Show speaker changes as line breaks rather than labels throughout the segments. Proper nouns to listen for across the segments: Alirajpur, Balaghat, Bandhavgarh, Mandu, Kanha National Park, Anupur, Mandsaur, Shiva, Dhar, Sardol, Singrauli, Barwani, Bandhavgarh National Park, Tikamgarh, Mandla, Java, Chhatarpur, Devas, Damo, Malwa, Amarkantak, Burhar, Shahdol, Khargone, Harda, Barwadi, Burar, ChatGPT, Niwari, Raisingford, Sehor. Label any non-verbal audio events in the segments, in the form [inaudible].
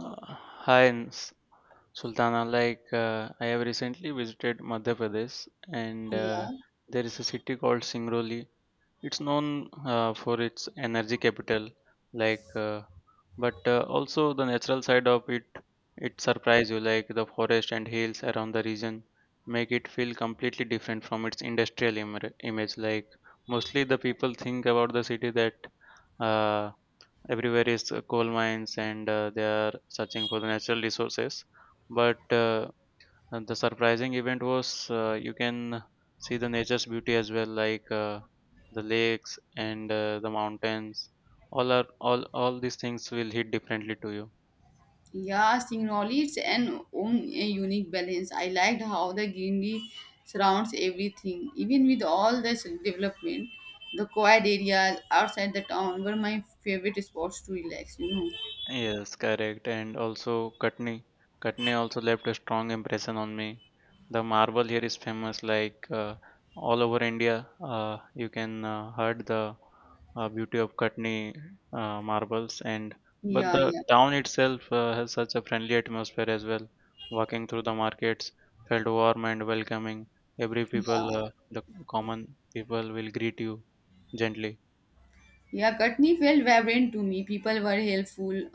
Uh, Hi, Sultana. I have recently visited Madhya Pradesh, and
Yeah,
there is a city called Singrauli. It's known for its energy capital, like, but also the natural side of it. It surprise you, like the forest and hills around the region make it feel completely different from its industrial image. Like, mostly the people think about the city that. Uh, Everywhere is coal mines and they are searching for the natural resources but and the surprising event was you can see the nature's beauty as well the lakes and the mountains all are all these things will hit differently to you.
yeah, seeing and own a unique balance. I liked how the greenery surrounds everything, even with all this development. The quiet areas outside the town were my favorite spots to relax, you know.
Yes, correct. And also Katni. Katni also left a strong impression on me. The marble here is famous, all over India. You can heard the beauty of Katni marbles, and but
Yeah,
the
yeah.
town itself has such a friendly atmosphere as well. Walking through the markets felt warm and welcoming. Every people, the common people, will greet you gently.
Yeah, Katni felt vibrant to me. People were helpful,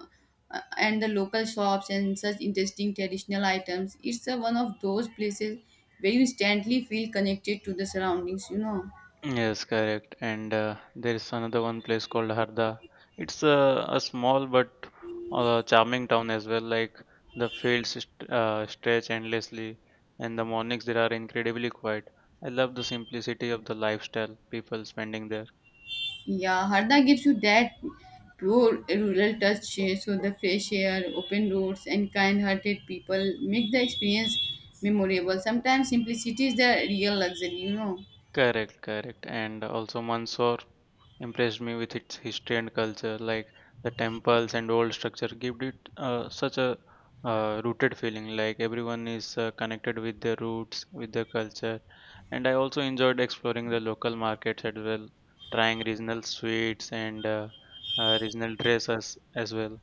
and the local shops and such interesting traditional items. One of those places where you instantly feel connected to the surroundings, you know.
Yes, correct. And there is another one place called Harda. It's a small but charming town as well. Like the fields stretch endlessly, and the mornings there are incredibly quiet. I love the simplicity of the lifestyle people spending there.
Yeah, Harda gives you that pure rural touch, eh, so the fresh air, open roads, and kind-hearted people make the experience memorable. Sometimes simplicity is the real luxury, you know.
Correct, correct. And also Mandsaur impressed me with its history and culture, like the temples and old structure give it such a rooted feeling, like everyone is connected with their roots, with their culture. And I also enjoyed exploring the local markets as well, trying regional sweets and regional dresses as well.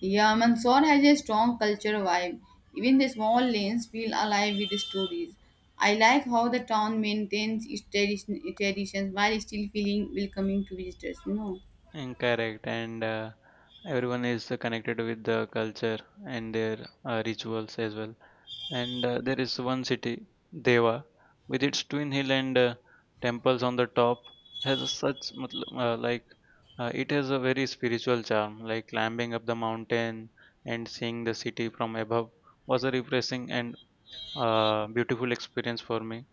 Yeah, Mandsaur has a strong culture vibe. Even the small lanes feel alive with stories. I like how the town maintains its traditions while still feeling welcoming to visitors, you know.
Incorrect, and everyone is connected with the culture and their rituals as well. And there is one city, Deva, with its twin hill and temples on the top, has a such it has a very spiritual charm. Like climbing up the mountain and seeing the city from above was a refreshing and beautiful experience for me.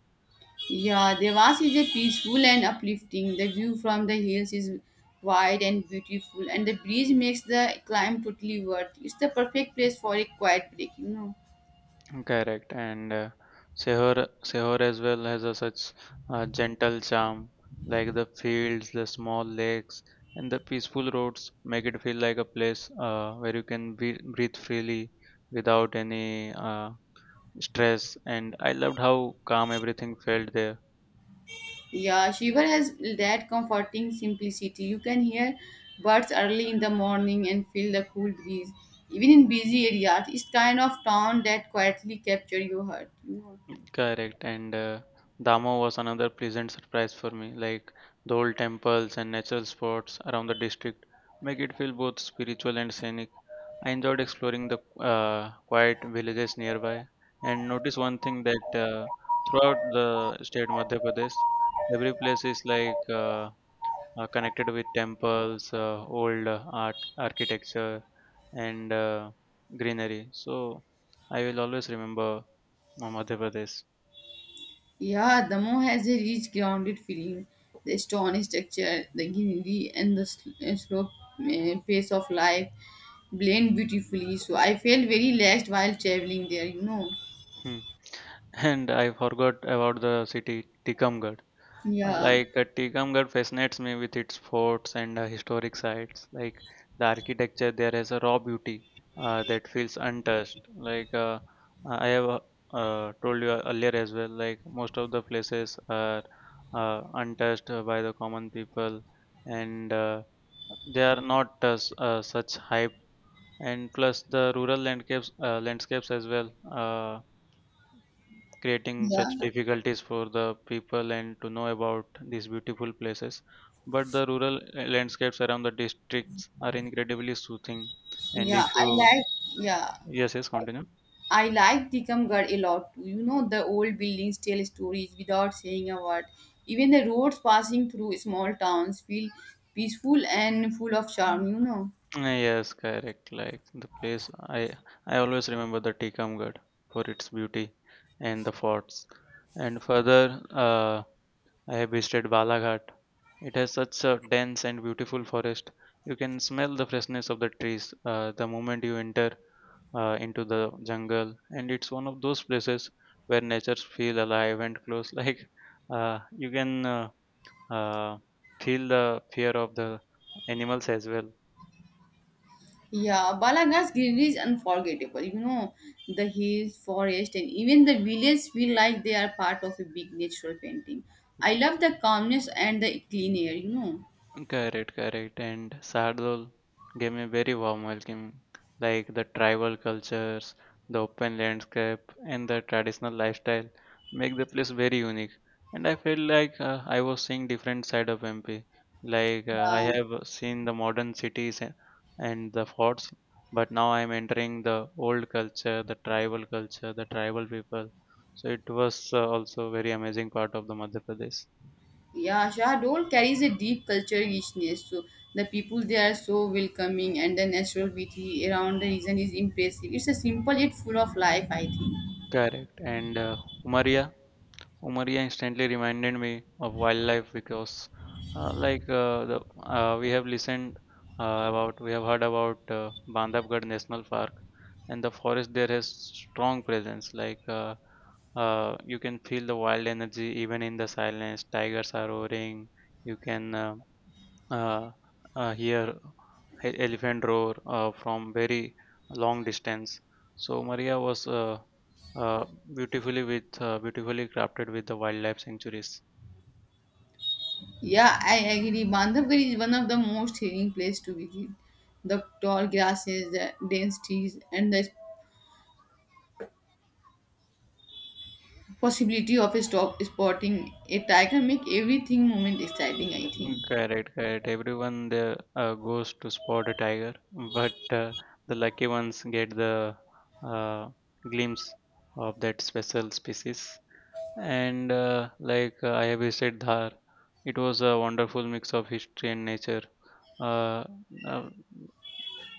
Yeah, Devas is a peaceful and uplifting. The view from the hills is wide and beautiful, and the breeze makes the climb totally worth. It's the perfect place for a quiet break, you know.
Correct, and Sehor as well has a such gentle charm, like the fields, the small lakes, and the peaceful roads make it feel like a place where you can breathe freely without any stress. And I loved how calm everything felt there.
Yeah, Shiva has that comforting simplicity. You can hear birds early in the morning and feel the cool breeze. Even in busy areas, it's kind of town that quietly capture your heart, you know.
Correct, and Damo was another pleasant surprise for me. Like the old temples and natural spots around the district make it feel both spiritual and scenic. I enjoyed exploring the quiet villages nearby and notice one thing that throughout the state Madhya Pradesh, every place is connected with temples, old art architecture, and greenery. So I will always remember Madhya Pradesh.
Yeah, the Damo has a rich, grounded feeling. The stone structure, the greenery, and the slow pace of life blend beautifully. So I felt very relaxed while traveling there, you know.
Hmm. And I forgot about the city Tikamgarh.
Yeah,
Tikamgarh fascinates me with its forts and historic sites. Like the architecture there has a raw beauty that feels untouched. Like I have told you earlier as well. Like most of the places are untouched by the common people, and they are not such hype. And plus the rural landscapes as well. Uh, Creating such
yeah,
difficulties for the people and to know about these beautiful places. But the rural landscapes around the districts are incredibly soothing. And
yeah.
if
I
you,
like yeah.
yes, yes, continue.
I like Tikamgarh a lot too. You know, the old buildings tell stories without saying a word. Even the roads passing through small towns feel peaceful and full of charm, you know.
Yes, correct. Like the place, I always remember the Tikamgarh for its beauty and the forts. And further, I have visited Balaghat. It has such a dense and beautiful forest. You can smell the freshness of the trees the moment you enter into the jungle, and it's one of those places where nature feel alive and close. [laughs] Like you can uh, Feel the fear of the animals as well.
Yeah, Balaghat's greenery is unforgettable. You know, the hills, forest, and even the villages feel like they are part of a big natural painting. I love the calmness and the clean air, you know.
Correct, correct. And Sardol gave me very warm welcome, like the tribal cultures, the open landscape, and the traditional lifestyle make the place very unique. And I felt like I was seeing different side of MP. I
Yeah,
have seen the modern cities and the forts, but now I'm entering the old culture, the tribal people. So it was also very amazing part of the Madhya Pradesh.
yeah, Shahdol carries a deep cultural richness. So the people there are so welcoming, and the natural beauty around the region is impressive. It's a simple yet full of life, I think.
Correct. And uh, Umaria Umaria instantly reminded me of wildlife because, like the we have listened we have heard about Bandhavgarh National Park, and the forest there has strong presence. You can feel the wild energy even in the silence. Tigers are roaring. You can uh, hear elephant roar from very long distance. So Maria was uh, beautifully crafted with the wildlife sanctuaries.
Yeah, I agree. Bandhavgarh is one of the most thrilling place to visit. The tall grasses, the dense trees, and the possibility of a stop spotting a tiger make everything moment exciting, I think.
Mm, correct, correct. Everyone there goes to spot a tiger, but the lucky ones get the uh, glimpse of that special species. And I have visited Dhar, it was a wonderful mix of history and nature. Uh, uh,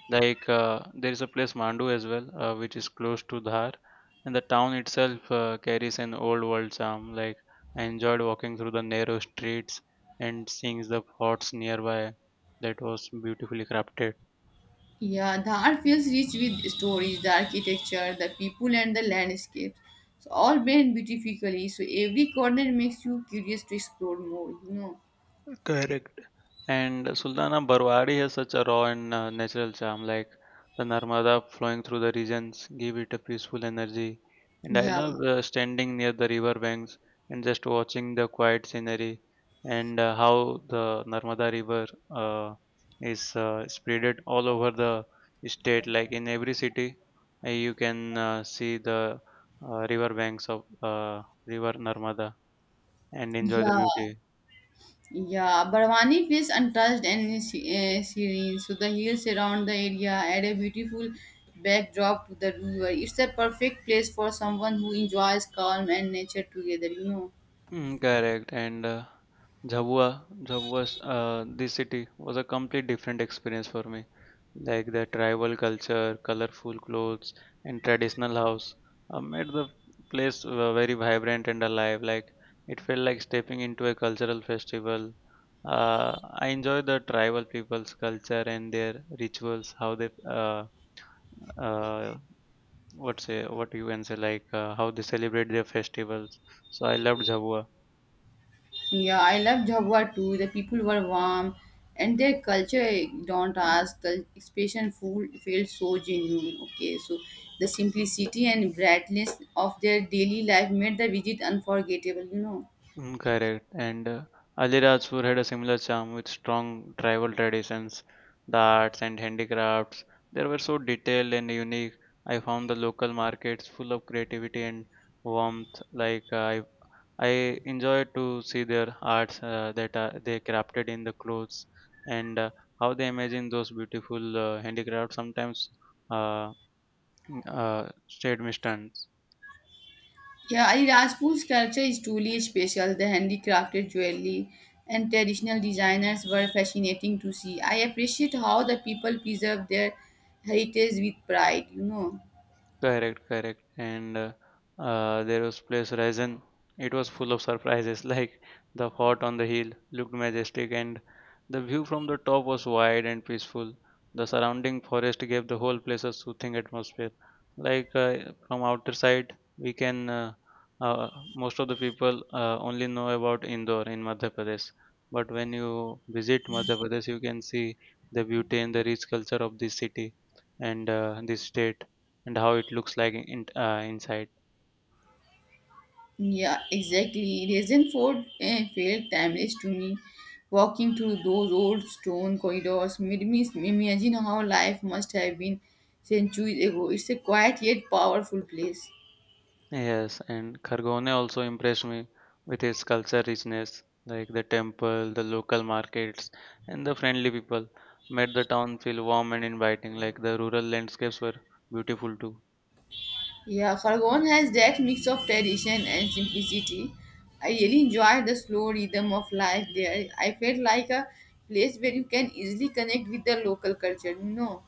there is a place Mandu as well, which is close to Dhar, and the town itself carries an old world charm. Like I enjoyed walking through the narrow streets and seeing the forts nearby. That was beautifully crafted.
Yeah, the art feels rich with stories, the architecture, the people, and the landscapes, so all blend beautifully. So every corner makes you curious to explore more, you know.
Correct. And Sultana Barwadi has such a raw and natural charm, like the Narmada flowing through the regions, give it a peaceful energy. And I
Yeah,
love standing near the river banks and just watching the quiet scenery and how the Narmada River is spreaded all over the state. Like in every city, you can see the river banks of River Narmada and enjoy the
yeah,
beauty.
yeah, barwani feels untouched and serene. So the hills around the area add a beautiful backdrop to the river. It's a perfect place for someone who enjoys calm and nature together, you know.
Mm, correct. And Jhabua's this city was a complete different experience for me. Like the tribal culture, colorful clothes, and traditional house made the place very vibrant and alive. Like it felt like stepping into a cultural festival. I enjoy the tribal people's culture and their rituals, how they uh, what you can say how they celebrate their festivals. So I loved Jhabua.
Yeah, I love Java too. The people were warm and their culture, eh, don't ask, the expression food felt so genuine. Okay, so the simplicity and brightness of their daily life made the visit unforgettable, you know.
Mm, correct. And Alirajpur had a similar charm with strong tribal traditions, the arts and handicrafts. They were so detailed and unique. I found the local markets full of creativity and warmth. I enjoyed to see their arts that they crafted in the clothes and how they imagine those beautiful handicrafts. Sometimes uh, stayed me stunned.
Yeah, Ali Rajput's culture is truly special. The handicrafted jewelry and traditional designers were fascinating to see. I appreciate how the people preserve their heritage with pride, you know.
Correct, correct. And there was place Ryzen. It was full of surprises, [laughs] like the fort on the hill looked majestic, and the view from the top was wide and peaceful. The surrounding forest gave the whole place a soothing atmosphere. Like uh, from outer side, we can uh, most of the people only know about Indore in Madhya Pradesh, but when you visit Madhya Pradesh, you can see the beauty and the rich culture of this city and this state and how it looks like in, inside.
Yeah, exactly. Raisingford eh, felt timeless to me. Walking through those old stone corridors made me imagine how life must have been centuries ago. It's a quiet yet powerful place.
Yes, and Khargone also impressed me with its culture richness, like the temple, the local markets, and the friendly people. Made the town feel warm and inviting, like the rural landscapes were beautiful too.
Yeah, Khargone has that mix of tradition and simplicity. I really enjoyed the slow rhythm of life there. I felt like a place where you can easily connect with the local culture, you know.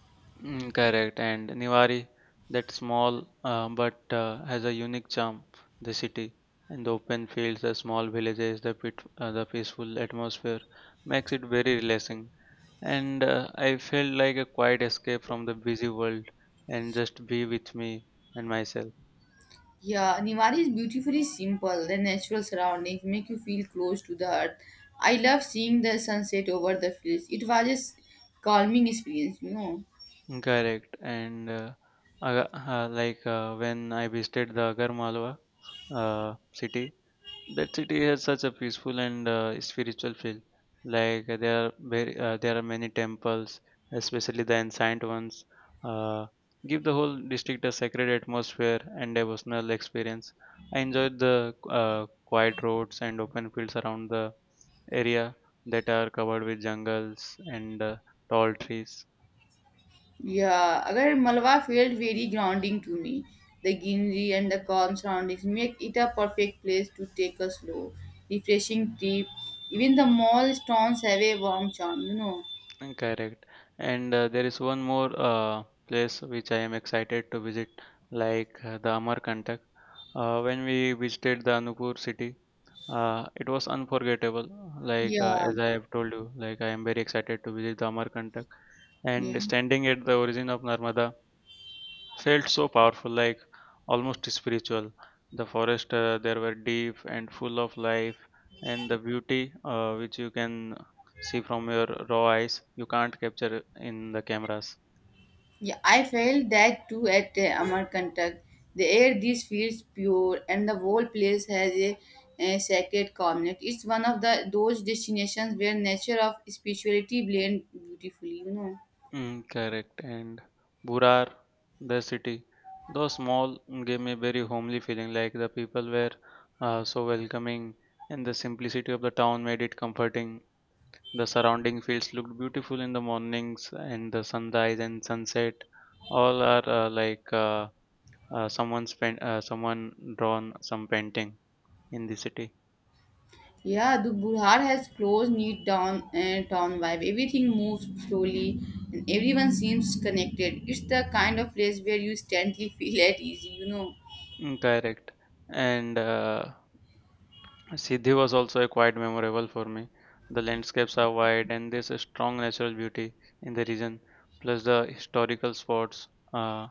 Mm, correct, and Niwari, that small but has a unique charm, the city. And the open fields, the small villages, the peaceful atmosphere makes it very relaxing. And I felt like a quiet escape from the busy world and just be with me and myself.
Yeah, Niwari is beautifully simple. The natural surroundings make you feel close to the earth. I love seeing the sunset over the fields. It was a calming experience, you know.
Correct. And when I visited the Agarmalwa city, that city has such a peaceful and spiritual feel like there are many temples, especially the ancient ones, uh, give the whole district a sacred atmosphere and devotional experience. I enjoyed the quiet roads and open fields around the area that are covered with jungles and tall trees.
Yeah, अगर Malwa felt very grounding to me. The greenery and the calm surroundings make it a perfect place to take a slow, refreshing trip. Even the mall stones have a warm charm, you know.
Mm, correct. And there is one more place which I am excited to visit, the Amarkantak. When we visited the Anupur city, it was unforgettable.
Yeah,
As I have told you, like I am very excited to visit the Amarkantak.
yeah.
And standing at the origin of Narmada, felt so powerful, like almost spiritual. The forest there were deep and full of life, and the beauty which you can see from your raw eyes, you can't capture in the cameras.
Yeah, I felt that too at Amarkantak. The air this feels pure, and the whole place has a sacred calmness. It's one of the those destinations where nature of spirituality blend beautifully, you know.
Mm, correct. And Burar, the city, though small, gave me very homely feeling. Like the people were so welcoming, and the simplicity of the town made it comforting. The surrounding fields looked beautiful in the mornings and the sunrise and sunset. All are like someone spent Someone drawn some painting in the city.
Yeah, the Burhar has close, neat down town vibe. Everything moves slowly, and everyone seems connected. It's the kind of place where you instantly [laughs] feel at easy, you know.
Mm, correct. And Siddhi was also a quite memorable for me. The landscapes are wide and there's a strong natural beauty in the region. Plus the historical spots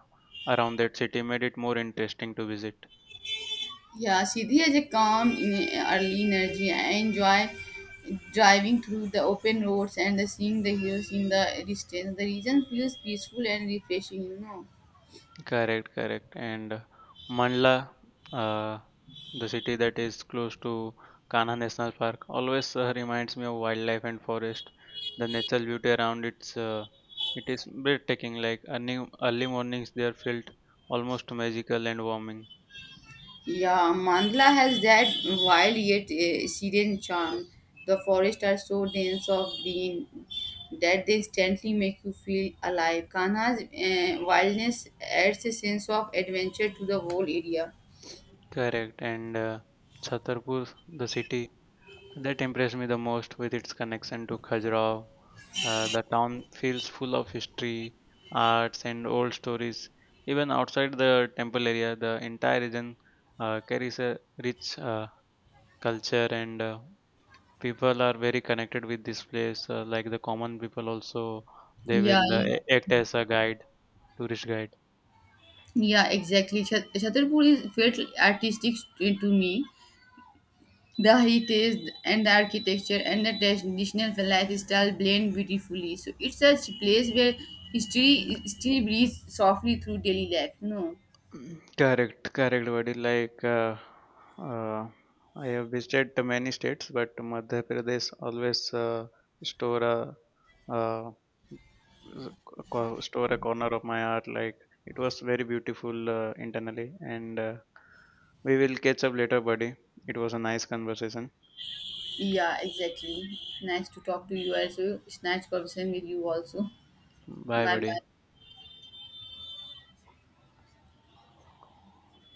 around that city made it more interesting to visit.
Yeah, Siddhi has a calm, early energy. I enjoy driving through the open roads and the seeing the hills in the distance. The region feels peaceful and refreshing, you know.
Correct, correct. And Mandla, uh, the city that is close to Kanha National Park, always reminds me of wildlife and forest. The natural beauty around it is breathtaking. Like early mornings, they are felt almost magical and warming.
Yeah, Mandla has that wild yet serene charm. The forests are so dense of green that they instantly make you feel alive. Kanha's wildness adds a sense of adventure to the whole area.
Correct. And Chhatarpur, the city that impressed me the most with its connection to Khajuraho. The town feels full of history, arts, and old stories. Even outside the temple area, the entire region carries a rich culture, and people are very connected with this place. Like the common people, also they
Yeah,
will
yeah.
act as a guide, tourist guide.
Yeah, exactly. Chhatarpur felt artistic to me. The heritage and the architecture and the traditional lifestyle blend beautifully. So it's such a place where history still breathes softly through daily life. No.
Mm, correct, correct, buddy. Uh, I have visited to many states, but Madhya Pradesh always store a uh, store a corner of my heart. Like, it was very beautiful internally, and we will catch up later, buddy. It was a nice conversation.
Yeah, exactly. Nice to talk to you also. It's nice conversation with you also.
Bye,
Bye
buddy.
bye.